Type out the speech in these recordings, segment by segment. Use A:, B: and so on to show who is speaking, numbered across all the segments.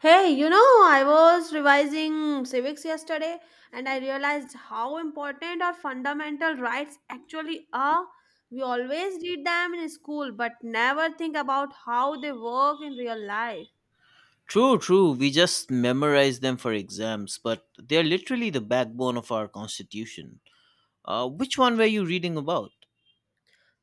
A: I was revising civics yesterday and I realized how important our fundamental rights actually are. We always read them in school but never think about how they work in real life.
B: True, true. We just memorize them for exams, but they're literally the backbone of our constitution. Which one were you reading about?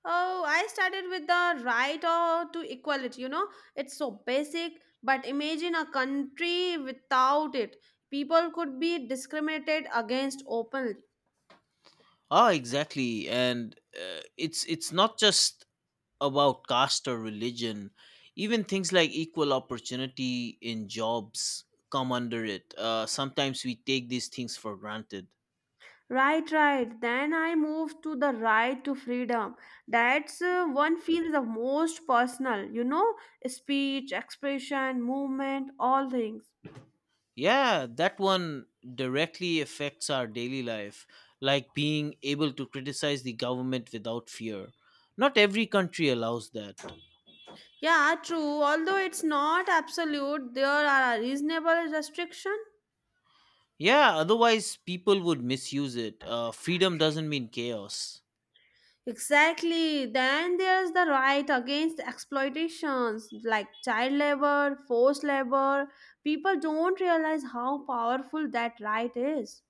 A: Oh, I started with the right or to equality, it's so basic, but imagine a country without it. People could be discriminated against openly.
B: Ah, exactly. And it's not just about caste or religion. Even things like equal opportunity in jobs come under it. Sometimes we take these things for granted.
A: Right, right. Then I moved to the right to freedom. That's one feels the most personal, speech, expression, movement, all things.
B: Yeah, that one directly affects our daily life, like being able to criticize the government without fear. Not every country allows that.
A: Yeah, true. Although it's not absolute, there are reasonable restrictions.
B: Yeah, otherwise people would misuse it. Freedom doesn't mean chaos.
A: Exactly. Then there's the right against exploitations like child labor, forced labor. People don't realize how powerful that right is.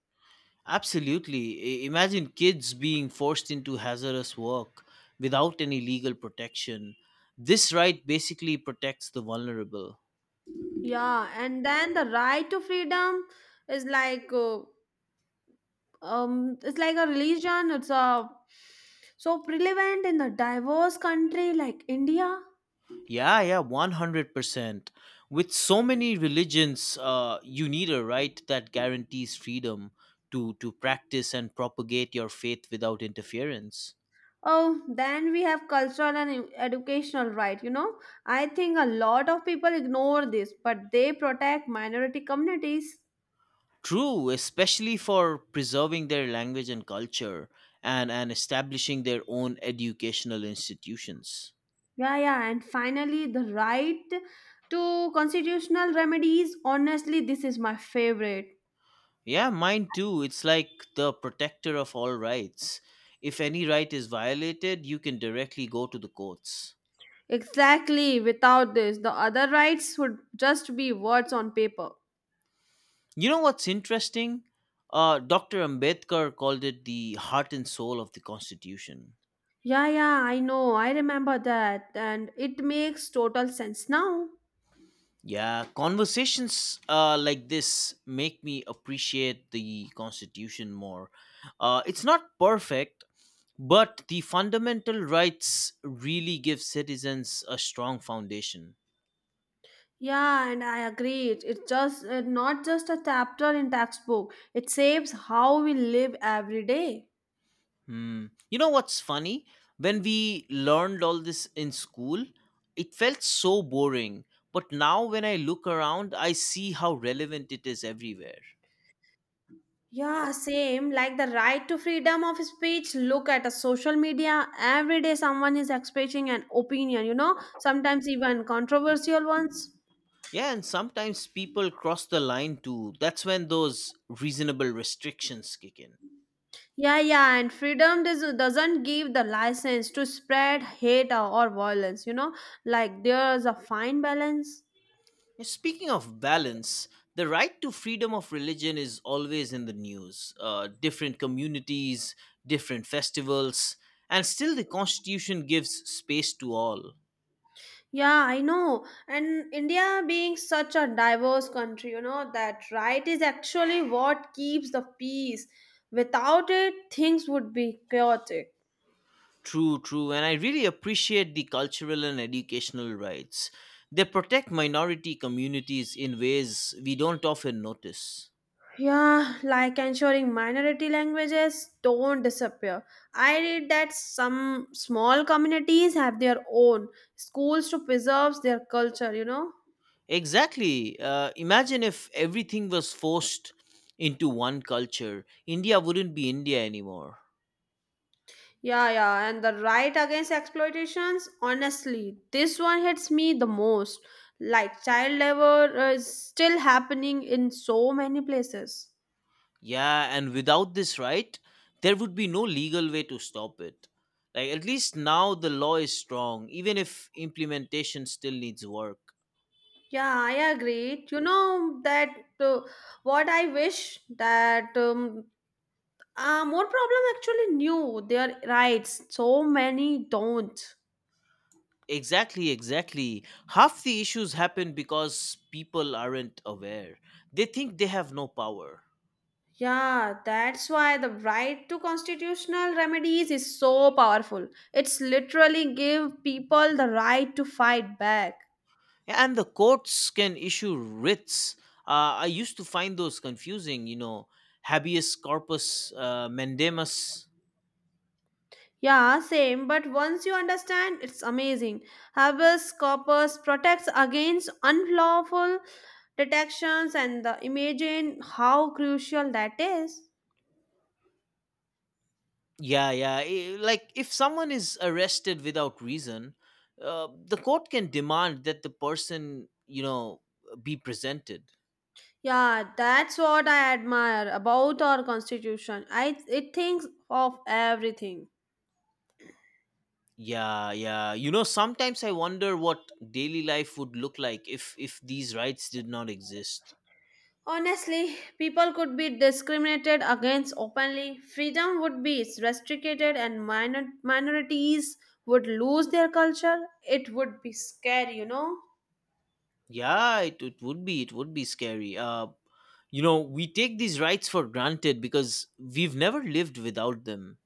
B: Absolutely. Imagine kids being forced into hazardous work without any legal protection. This right basically protects the vulnerable.
A: Yeah, and then the right to freedom is like it's like a religion. It's a so prevalent in the diverse country like India.
B: Yeah, yeah, 100%. With so many religions, you need a right that guarantees freedom to practice and propagate your faith without interference.
A: Oh, then we have cultural and educational right, you know. I think a lot of people ignore this, but they protect minority communities.
B: True, especially for preserving their language and culture and establishing their own educational institutions.
A: Yeah, yeah, and finally the right to constitutional remedies. Honestly, this is my favorite.
B: Yeah, mine too. It's like the protector of all rights. If any right is violated, you can directly go to the courts.
A: Exactly, without this, the other rights would just be words on paper.
B: You know what's interesting? Dr. Ambedkar called it the heart and soul of the Constitution.
A: Yeah, yeah, I know, I remember that, and it makes total sense now.
B: Yeah, conversations like this make me appreciate the Constitution more. It's not perfect, but the fundamental rights really give citizens a strong foundation.
A: Yeah, and I agree. It's just not just a chapter in textbook. It saves how we live every day.
B: Hmm. You know what's funny? When we learned all this in school, it felt so boring. But now, when I look around, I see how relevant it is everywhere.
A: Yeah, same. Like the right to freedom of speech. Look at a social media. Every day someone is expressing an opinion, sometimes even controversial ones.
B: Yeah, and sometimes people cross the line too. That's when those reasonable restrictions kick in.
A: Yeah, yeah, and freedom doesn't give the license to spread hate or violence, like there's a fine balance.
B: Speaking of balance, the right to freedom of religion is always in the news. Different communities, different festivals, and still the Constitution gives space to all.
A: Yeah, I know. And India being such a diverse country, that right is actually what keeps the peace. Without it, things would be chaotic.
B: True, true. And I really appreciate the cultural and educational rights. They protect minority communities in ways we don't often notice.
A: Yeah, like ensuring minority languages don't disappear. I read that some small communities have their own schools to preserve their culture, you know?
B: Exactly. Imagine if everything was forced into one culture, India wouldn't be India anymore.
A: Yeah, yeah, and the right against exploitations, honestly, this one hits me the most. Like child labor is still happening in so many places.
B: Yeah, and without this right, there would be no legal way to stop it. Like, at least now the law is strong, even if implementation still needs work.
A: Yeah, I agree. You know that uh, what I wish that More problem actually knew their rights. So many don't.
B: Exactly, exactly. Half the issues happen because people aren't aware. They think they have no power.
A: Yeah, that's why the right to constitutional remedies is so powerful. It's literally give people the right to fight back.
B: And the courts can issue writs. I used to find those confusing, habeas corpus mandamus.
A: Yeah, same. But once you understand, it's amazing. Habeas corpus protects against unlawful detections and the imagine how crucial that is.
B: Yeah, yeah. Like if someone is arrested without reason, the court can demand that the person, be presented.
A: Yeah, that's what I admire about our constitution. I It thinks of everything.
B: Yeah, yeah. You know, sometimes I wonder what daily life would look like if these rights did not exist.
A: Honestly, people could be discriminated against openly, freedom would be restricted and minorities would lose their culture. It would be scary, you know.
B: Yeah, it would be scary. You know, we take these rights for granted because we've never lived without them.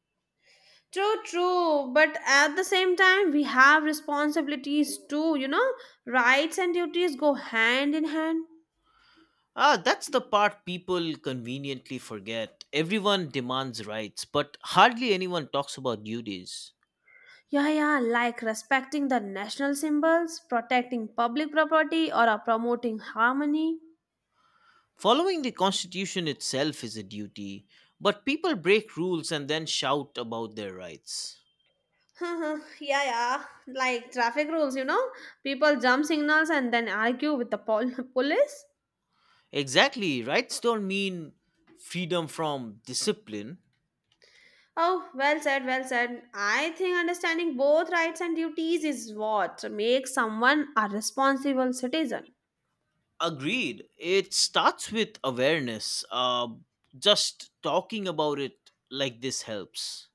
A: True, true, but at the same time we have responsibilities too, you know. Rights and duties go hand in hand.
B: Ah, that's the part people conveniently forget. Everyone demands rights, but hardly anyone talks about duties.
A: Yeah, yeah, like respecting the national symbols, protecting public property, or promoting harmony.
B: Following the Constitution itself is a duty, but people break rules and then shout about their rights.
A: Yeah, yeah, like traffic rules, you know? People jump signals and then argue with the police.
B: Exactly, rights don't mean freedom from discipline.
A: Oh, well said, well said. I think understanding both rights and duties is what makes someone a responsible citizen.
B: Agreed, it starts with awareness. Just talking about it like this helps.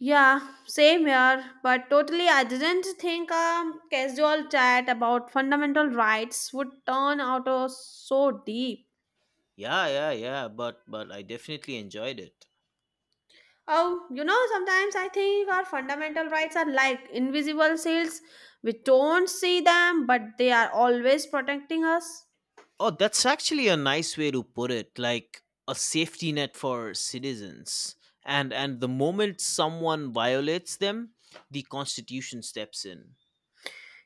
A: Yeah, same here. But totally, I didn't think a casual chat about fundamental rights would turn out so deep.
B: Yeah, yeah, yeah, but I definitely enjoyed it.
A: Oh, you know, sometimes I think our fundamental rights are like invisible shields. We don't see them, but they are always protecting us.
B: Oh, that's actually a nice way to put it, like a safety net for citizens. And the moment someone violates them, the constitution steps in.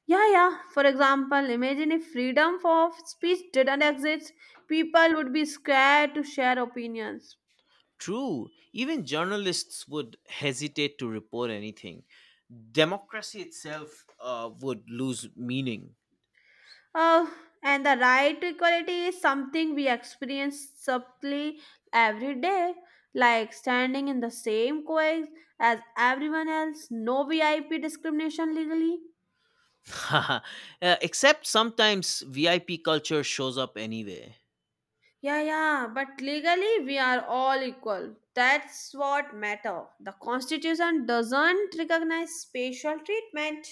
A: Yeah, yeah. For example, imagine if freedom of speech didn't exist, people would be scared to share opinions.
B: True, even journalists would hesitate to report anything. Democracy itself would lose meaning.
A: Uh, and the right to equality is something we experience subtly every day, like standing in the same queue as everyone else, no VIP discrimination legally.
B: Uh, except sometimes VIP culture shows up anyway.
A: Yeah, yeah, but legally we are all equal. That's what matter. The constitution doesn't recognize special treatment.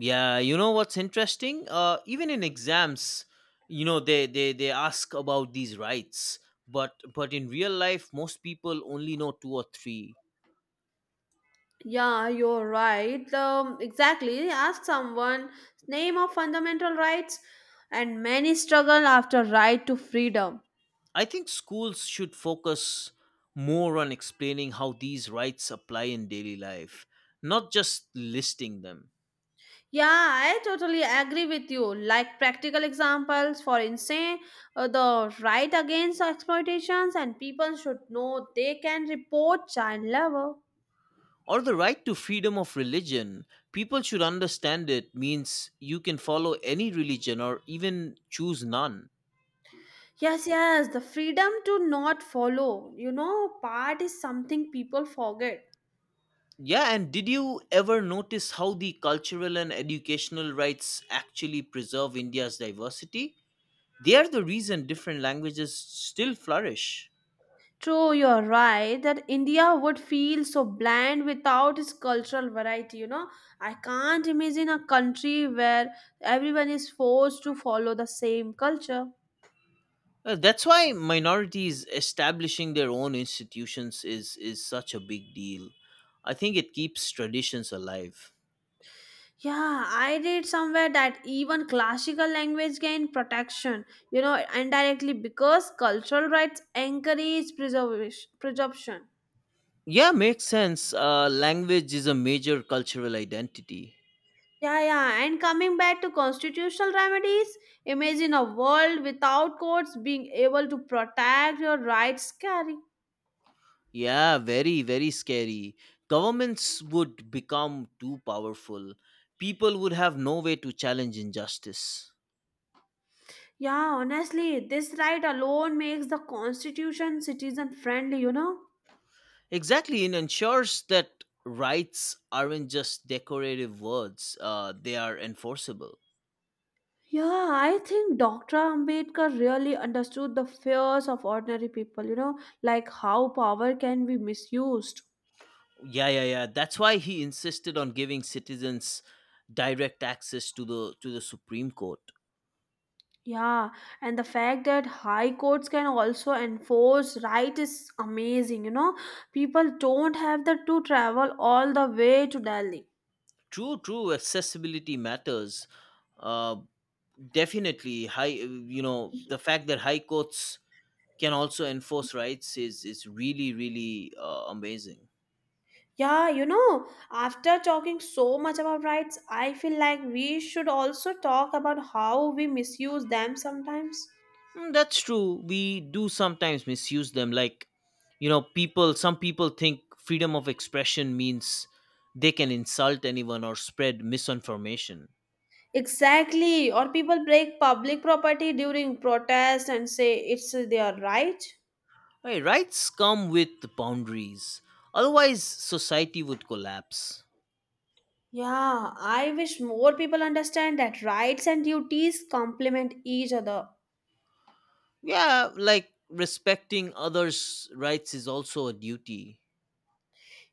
B: Yeah, you know what's interesting? Even in exams, you know they ask about these rights, but in real life, most people only know two or three.
A: Yeah, you're right. Exactly. Ask someone name of fundamental rights, and many struggle after right to freedom.
B: I think schools should focus more on explaining how these rights apply in daily life, not just listing them.
A: Yeah, I totally agree with you. Like practical examples, for instance, the right against exploitations, and people should know they can report child labor.
B: Or the right to freedom of religion. People should understand it means you can follow any religion or even choose none.
A: Yes, yes, the freedom to not follow. You know, part is something people forget.
B: Yeah, and did you ever notice how the cultural and educational rights actually preserve India's diversity? They are the reason different languages still flourish.
A: True, you're right that India would feel so bland without its cultural variety. You know, I can't imagine a country where everyone is forced to follow the same culture.
B: That's why minorities establishing their own institutions is such a big deal. I think it keeps traditions alive.
A: Yeah, I read somewhere that even classical language gain protection, indirectly because cultural rights encourage preservation.
B: Yeah, makes sense. Language is a major cultural identity.
A: Yeah, yeah, and coming back to constitutional remedies, imagine a world without courts being able to protect your rights carry.
B: Yeah, very, very scary. Governments would become too powerful. People would have no way to challenge injustice.
A: Yeah, honestly, this right alone makes the constitution citizen friendly, you know?
B: Exactly, it ensures that rights aren't just decorative words, they are enforceable.
A: Yeah, I think Dr. Ambedkar really understood the fears of ordinary people, like how power can be misused.
B: Yeah, yeah, yeah. That's why he insisted on giving citizens direct access to the Supreme Court.
A: Yeah, and the fact that high courts can also enforce right is amazing, you know? People don't have the to travel all the way to Delhi.
B: True, true. Accessibility matters. Uh, Definitely, high. You know, the fact that high courts can also enforce rights is really really amazing.
A: Yeah, you know, after talking so much about rights, I feel like we should also talk about how we misuse them sometimes.
B: Mm, that's true. We do sometimes misuse them. Like, you know, people. Some people think freedom of expression means they can insult anyone or spread misinformation.
A: Exactly, or people break public property during protest and say it's their right.
B: Hey, rights come with boundaries. Otherwise, society would collapse.
A: Yeah, I wish more people understand that rights and duties complement each other.
B: Yeah, like respecting others' rights is also a duty.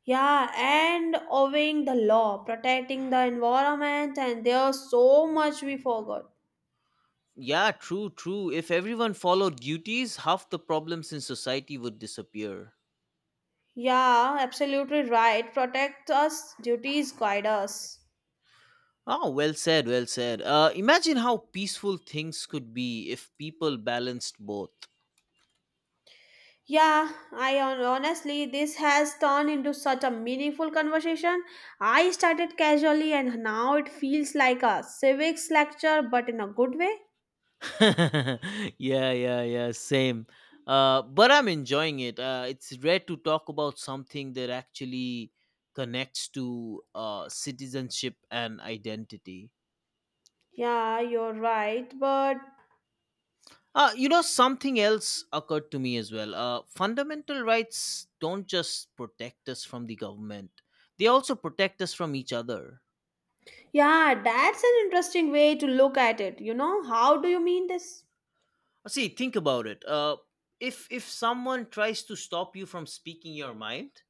A: Yeah, and obeying the law, protecting the environment, and there's so much we forgot.
B: Yeah, true, true. If everyone followed duties, half the problems in society would disappear.
A: Yeah, absolutely right. Protect us, duties guide us.
B: Oh, well said, well said. Imagine how peaceful things could be if people balanced both.
A: Yeah, I honestly, this has turned into such a meaningful conversation. I started casually and now it feels like a civics lecture, but in a good way.
B: yeah, yeah, yeah, same. But I'm enjoying it. It's rare to talk about something that actually connects to citizenship and identity.
A: Yeah, you're right. But
B: You know, something else occurred to me as well. Fundamental rights don't just protect us from the government; they also protect us from each other.
A: yeah, that's an interesting way to look at it. You know, how do you mean this?
B: See, think about it. If someone tries to stop you from speaking your mind,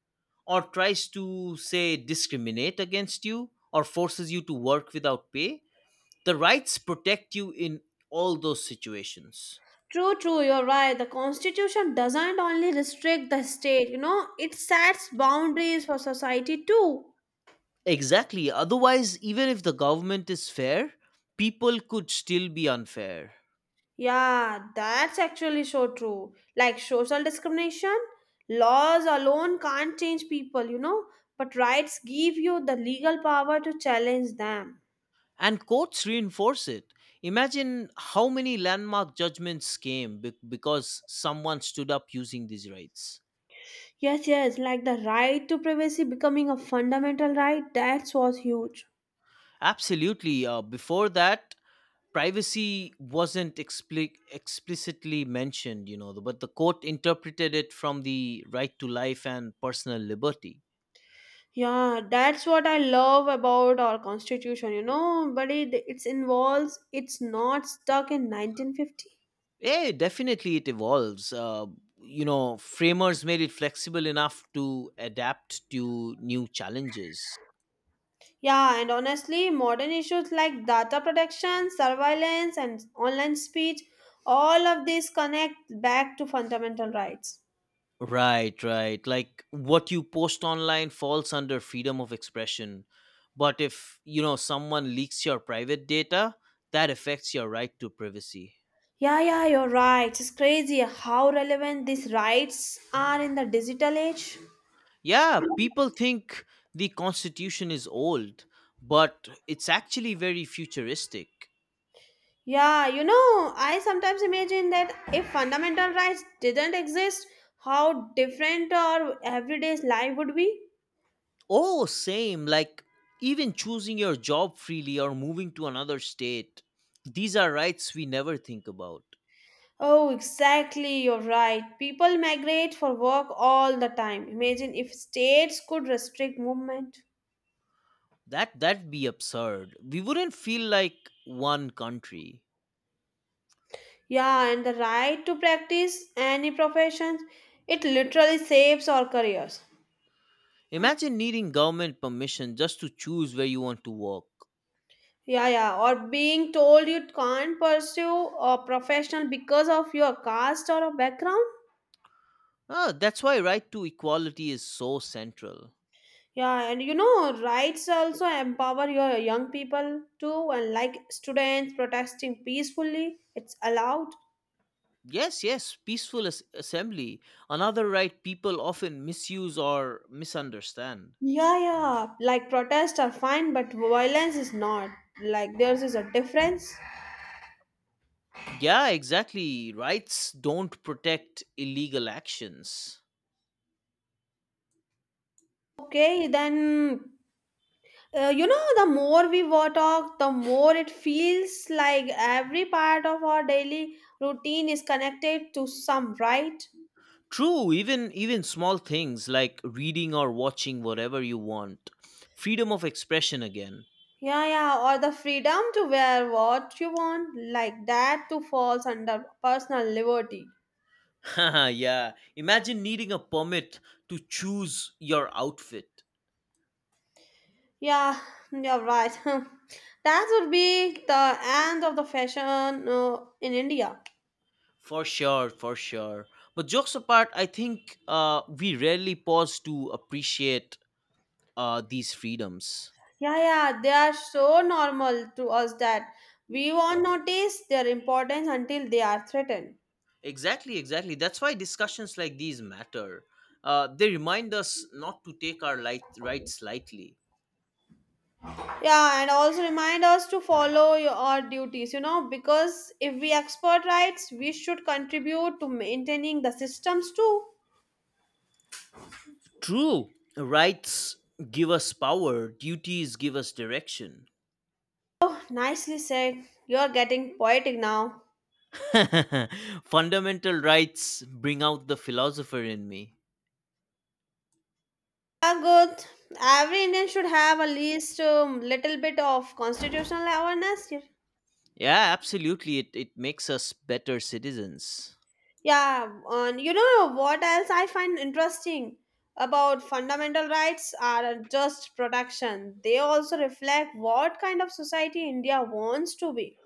B: or tries to say discriminate against you, or forces you to work without pay, the rights protect you in all those situations.
A: True, true, you're right. The constitution doesn't only restrict the state, it sets boundaries for society too.
B: Exactly. Otherwise, even if the government is fair, people could still be unfair.
A: Yeah, that's actually so true. Like social discrimination, laws alone can't change people, but rights give you the legal power to challenge them.
B: And courts reinforce it. Imagine how many landmark judgments came because someone stood up using these rights.
A: Yes, yes, like the right to privacy becoming a fundamental right, that's was huge.
B: Absolutely. Uh, before that, privacy wasn't explicitly mentioned, you know, but the court interpreted it from the right to life and personal liberty.
A: Yeah, that's what I love about our constitution, but it's involves it's not stuck in 1950.
B: Yeah, definitely it evolves. Uh, you know, framers made it flexible enough to adapt to new challenges.
A: Yeah, and honestly, modern issues like data protection, surveillance, and online speech, all of these connect back to fundamental rights.
B: Right, right. Like what you post online falls under freedom of expression. But if, you know, someone leaks your private data, that affects your right to privacy.
A: Yeah, yeah, you're right. It's crazy how relevant these rights are in the digital age.
B: Yeah, people think the constitution is old, but it's actually very futuristic.
A: Yeah, you know, I sometimes imagine that if fundamental rights didn't exist, how different our everyday life would be.
B: Oh, same. Like even choosing your job freely or moving to another state. These are rights we never think about.
A: Oh, exactly, you're right. People migrate for work all the time. Imagine if states could restrict movement.
B: That that'd be absurd. We wouldn't feel like one country.
A: Yeah, and the right to practice any professions, it literally saves our careers.
B: Imagine needing government permission just to choose where you want to work.
A: Yeah, yeah, or being told you can't pursue a professional because of your caste or a background.
B: Ah, that's why right to equality is so central.
A: Yeah, and you know, rights also empower your young people too, and like students protesting peacefully, it's allowed.
B: Yes, yes, peaceful assembly, another right people often misuse or misunderstand.
A: Yeah, yeah. Like protests are fine, but violence is not. Like there's is a difference.
B: Yeah, exactly. Rights don't protect illegal actions.
A: Okay, then you know the more we talk, the more it feels like every part of our daily routine is connected to some right.
B: True, even even small things like reading or watching whatever you want. Freedom of expression again.
A: Yeah, yeah. Or the freedom to wear what you want, like that, too falls under personal liberty.
B: yeah, imagine needing a permit to choose your outfit.
A: Yeah, you're right. That would be the end of the fashion in India.
B: For sure, for sure. But jokes apart, I think we rarely pause to appreciate these freedoms.
A: Yeah, yeah, they are so normal to us that we won't notice their importance until they are threatened.
B: Exactly, exactly. That's why discussions like these matter. They remind us not to take our rights lightly.
A: Yeah, and also remind us to follow our duties, because if we export rights, we should contribute to maintaining the systems too.
B: True. Rights give us power, duties give us direction.
A: Nicely said. You're getting poetic now.
B: Fundamental rights bring out the philosopher in me.
A: Yeah, good. Every Indian should have at least a little bit of constitutional awareness. Yes.
B: Yeah, absolutely. It makes us better citizens.
A: Yeah, and you know what else I find interesting about fundamental rights are just protection. They also reflect what kind of society India wants to be.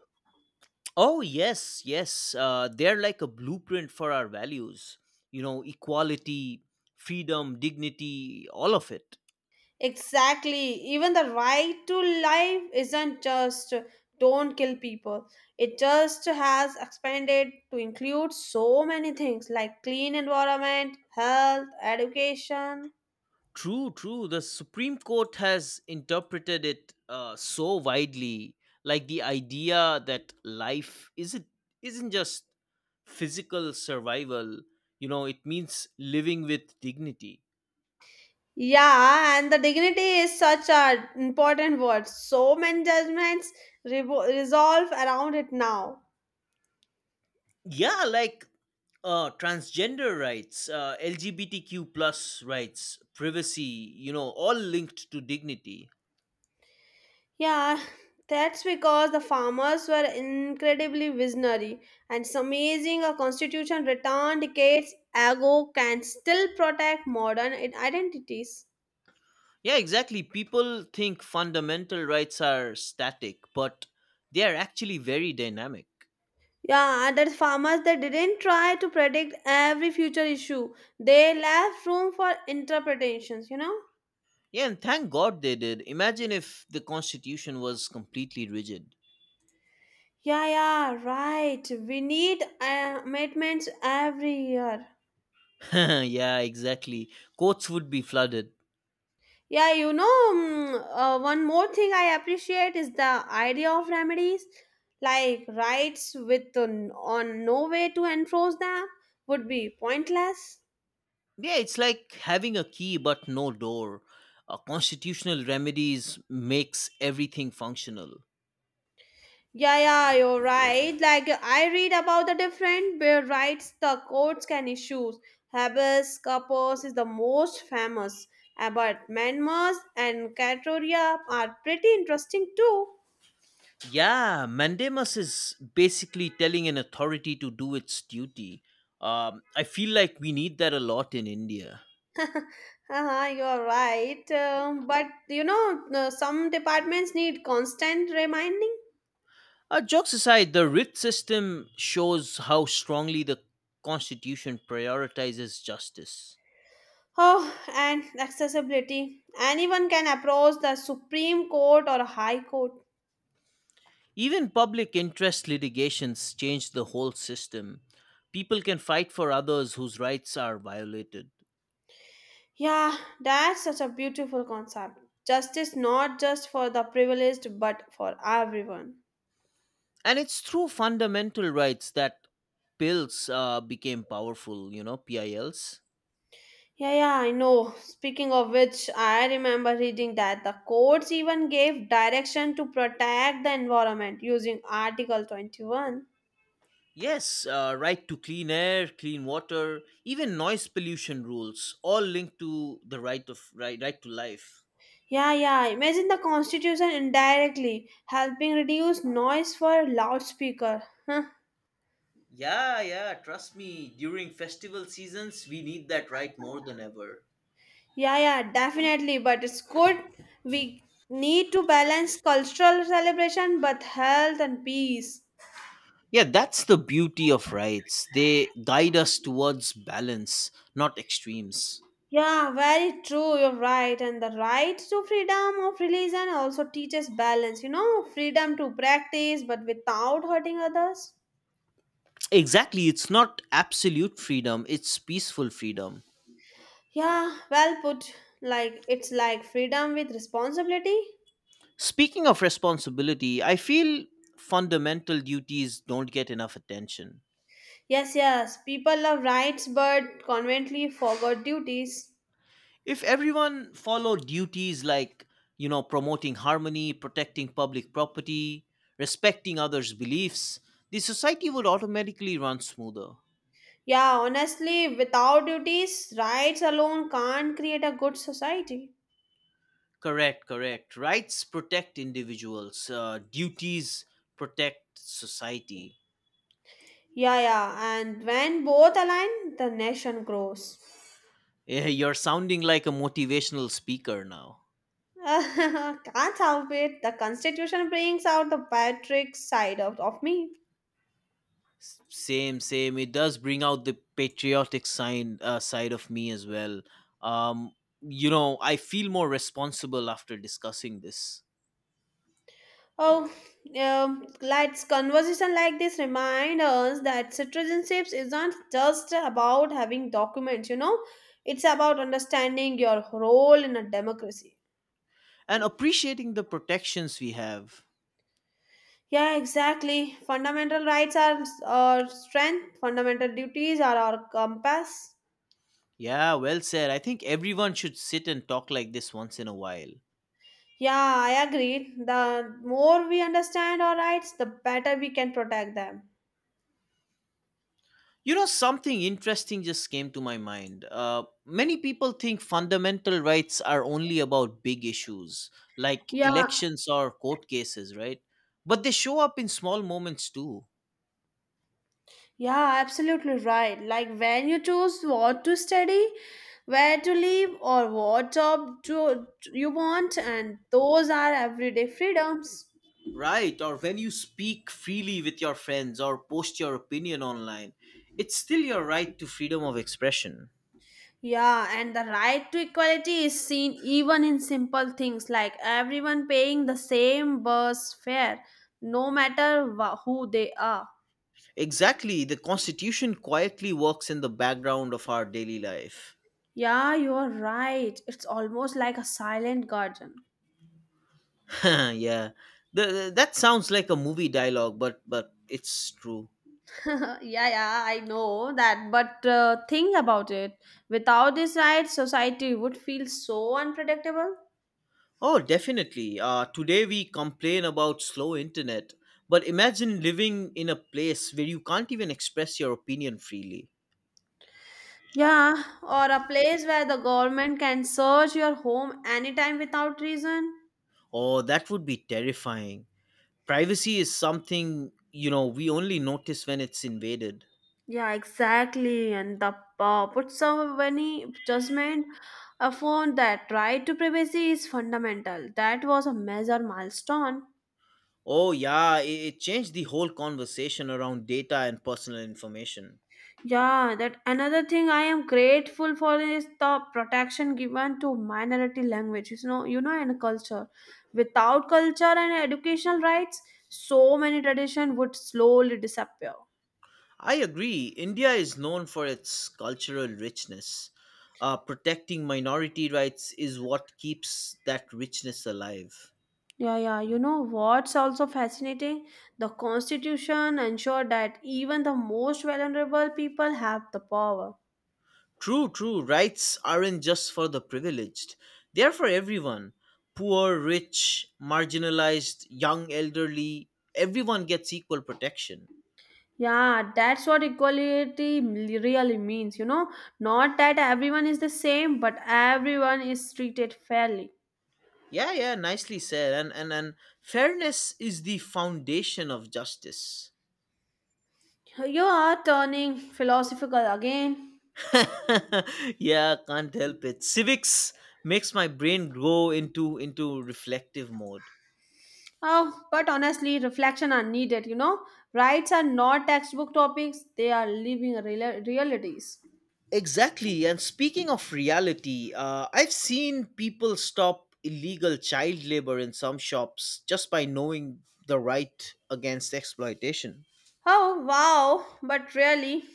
B: Oh, yes, yes. They're like a blueprint for our values. You know, equality, freedom, dignity, all of it.
A: Exactly. Even the right to life isn't just don't kill people. It just has expanded to include so many things like clean environment, health, education,
B: True, true. The Supreme Court has interpreted it so widely, like the idea that life isn't just physical survival. You know, it means living with dignity.
A: Yeah, and the dignity is such an important word. So many judgments resolve around it now.
B: Yeah, like transgender rights, LGBTQ plus rights, privacy, you know, all linked to dignity.
A: Yeah, that's because the farmers were incredibly visionary, and it's amazing a constitution written decades ago can still protect modern identities.
B: Yeah, exactly. People think fundamental rights are static, but they are actually very dynamic.
A: Yeah, and the farmers they didn't try to predict every future issue. They left room for interpretations, you know?
B: Yeah, and thank God they did. Imagine if the constitution was completely rigid.
A: Yeah, yeah, right. We need amendments every year.
B: yeah, exactly. Courts would be flooded.
A: Yeah, you know, one more thing I appreciate is the idea of remedies, like rights with on no way to enforce them would be pointless.
B: Yeah, it's like having a key but no door. Constitutional remedies makes everything functional.
A: Yeah, yeah, you're right. Like I read about the different bill rights the courts can issue. Habeas corpus is the most famous, but manmas and categoria are pretty interesting too.
B: Yeah, Mandamus is basically telling an authority to do its duty. I feel like we need that a lot in India.
A: Uh-huh, you're right. But you know, some departments need constant reminding.
B: Jokes aside, the writ system shows how strongly the Constitution prioritizes justice.
A: Oh, and accessibility. Anyone can approach the Supreme Court or High Court.
B: Even public interest litigations change the whole system. People can fight for others whose rights are violated.
A: Yeah, that's such a beautiful concept. Justice not just for the privileged, but for everyone.
B: And it's through fundamental rights that PILs became powerful, you know, PILs.
A: Yeah, yeah, I know. Speaking of which, I remember reading that the courts even gave direction to protect the environment using Article 21.
B: Yes, right to clean air, clean water, even noise pollution rules, all linked to the right to life.
A: Yeah, yeah. Imagine the constitution indirectly helping reduce noise for loudspeaker. Huh.
B: Yeah, yeah, trust me, during festival seasons, we need that right more than ever.
A: Yeah, yeah, definitely. But it's good. We need to balance cultural celebration, but health and peace.
B: Yeah, that's the beauty of rights. They guide us towards balance, not extremes.
A: Yeah, very true. You're right. And the right to freedom of religion also teaches balance. You know, freedom to practice, but without hurting others.
B: Exactly, it's not absolute freedom, it's peaceful freedom.
A: Yeah, well put. Like it's like freedom with responsibility.
B: Speaking of responsibility, I feel fundamental duties don't get enough attention.
A: Yes, people love rights but conveniently forgot duties.
B: If everyone followed duties like, you know, promoting harmony, protecting public property, respecting others' beliefs, the society would automatically run smoother.
A: Yeah, honestly, without duties, rights alone can't create a good society.
B: Correct, correct. Rights protect individuals, duties protect society.
A: Yeah, and when both align, the nation grows.
B: Yeah, you're sounding like a motivational speaker now.
A: Can't help it, the constitution brings out the patriotic side of me.
B: S- same, same. It does bring out the patriotic side, side of me as well. Um, you know, I feel more responsible after discussing this.
A: Oh, let's conversation like this remind us that citizenships isn't just about having documents, it's about understanding your role in a democracy.
B: And appreciating the protections we have.
A: Yeah, exactly. Fundamental rights are our strength, fundamental duties are our compass.
B: Yeah, well said. I think everyone should sit and talk like this once in a while.
A: Yeah, I agree. The more we understand our rights, the better we can protect them.
B: You know, something interesting just came to my mind. Many people think fundamental rights are only about big issues like
A: Yeah,
B: elections or court cases, right? But they show up in small moments too.
A: Yeah, absolutely right. Like when you choose what to study, where to live, or what job to, you want, and those are everyday freedoms.
B: Right, or when you speak freely with your friends or post your opinion online, it's still your right to freedom of expression.
A: Yeah, and the right to equality is seen even in simple things like everyone paying the same bus fare, no matter who they are.
B: Exactly, the constitution quietly works in the background of our daily life.
A: Yeah, you're right. It's almost like a silent garden.
B: yeah. The- that sounds like a movie dialogue, but it's true.
A: Yeah, I know that. But think about it. Without these rights, society would feel so unpredictable.
B: Oh, definitely. Today we complain about slow internet, but imagine living in a place where you can't even express your opinion freely.
A: Yeah, or a place where the government can search your home anytime without reason.
B: Oh, that would be terrifying. Privacy is something, you know, we only notice when it's invaded.
A: Yeah, exactly. And the put some many judgment upon that right to privacy is fundamental. That was a major milestone.
B: Oh, yeah, it changed the whole conversation around data and personal information.
A: Yeah, that another thing I am grateful for is the protection given to minority languages, you know, and culture. Without culture and educational rights, so many tradition would slowly disappear.
B: I agree. India is known for its cultural richness. Protecting minority rights is what keeps that richness alive.
A: Yeah, yeah. You know what's also fascinating? The constitution ensured that even the most vulnerable people have the power.
B: True, true. Rights aren't just for the privileged, they are for everyone. Poor, rich, marginalized, young, elderly, everyone gets equal protection.
A: Yeah, that's what equality really means, you know. Not that everyone is the same, but everyone is treated fairly.
B: Yeah, yeah, nicely said. And fairness is the foundation of justice.
A: You are turning philosophical again.
B: yeah, can't help it. Civics makes my brain go into reflective mode.
A: Oh, but honestly, reflection are needed, you know. Rights are not textbook topics, they are living realities.
B: Exactly. And speaking of reality, I've seen people stop illegal child labor in some shops just by knowing the right against exploitation.
A: Oh, wow, but really?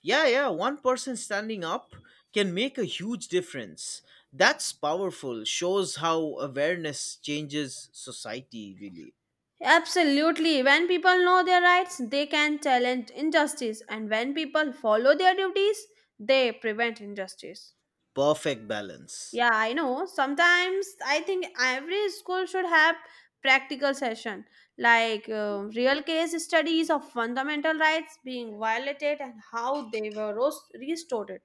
B: Yeah, yeah, one person standing up can make a huge difference. That's powerful. Shows how awareness changes society, really.
A: Absolutely. When people know their rights, they can challenge injustice, and when people follow their duties, they prevent injustice.
B: Perfect balance.
A: Yeah, I know. Sometimes I think every school should have practical session like real case studies of fundamental rights being violated and how they were restored.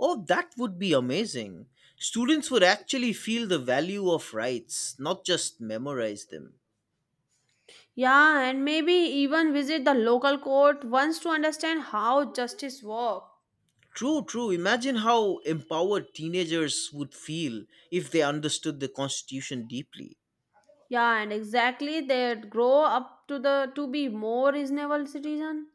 B: Oh, that would be amazing. Students would actually feel the value of rights, not just memorize them.
A: Yeah, and maybe even visit the local court once to understand how justice work.
B: True, true. Imagine how empowered teenagers would feel if they understood the Constitution deeply.
A: Yeah, and exactly they grow up to the to be more reasonable citizen.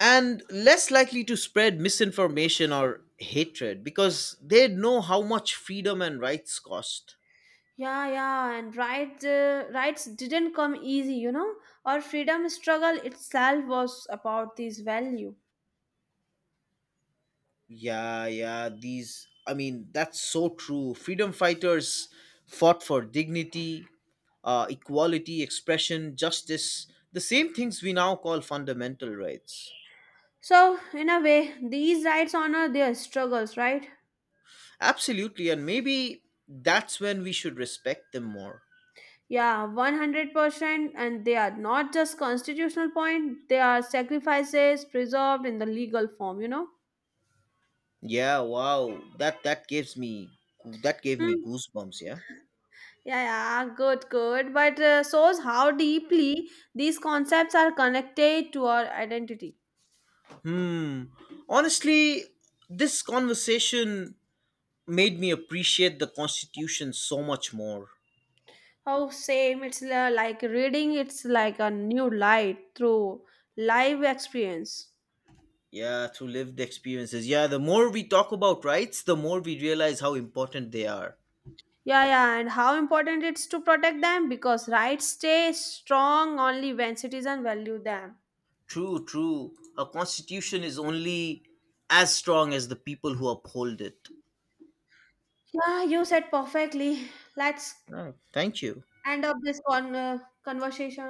B: And less likely to spread misinformation or hatred because they know how much freedom and rights cost.
A: Yeah, and rights, rights didn't come easy, you know. Our freedom struggle itself was about this value.
B: Yeah, yeah, I mean, that's so true. Freedom fighters fought for dignity, equality, expression, justice, the same things we now call fundamental rights.
A: So, in a way, these rights honor their struggles, right?
B: Absolutely, and maybe that's when we should respect them more.
A: Yeah, 100%, and they are not just constitutional point, they are sacrifices preserved in the legal form, you know.
B: Yeah, wow. That gives me that gave me
A: Hmm.
B: goosebumps, yeah.
A: Yeah, yeah, good, good. But shows how deeply these concepts are connected to our identity.
B: Hmm. Honestly, this conversation made me appreciate the constitution so much more.
A: Oh, same. It's like reading, it's like a new light through live experience.
B: Yeah, through lived experiences. Yeah, the more we talk about rights, the more we realize how important they are.
A: Yeah, and how important it's to protect them because rights stay strong only when citizens value them.
B: True, true. A constitution is only as strong as the people who uphold it.
A: Yeah, you said perfectly. Let's
B: Oh, thank you.
A: end up this conversation.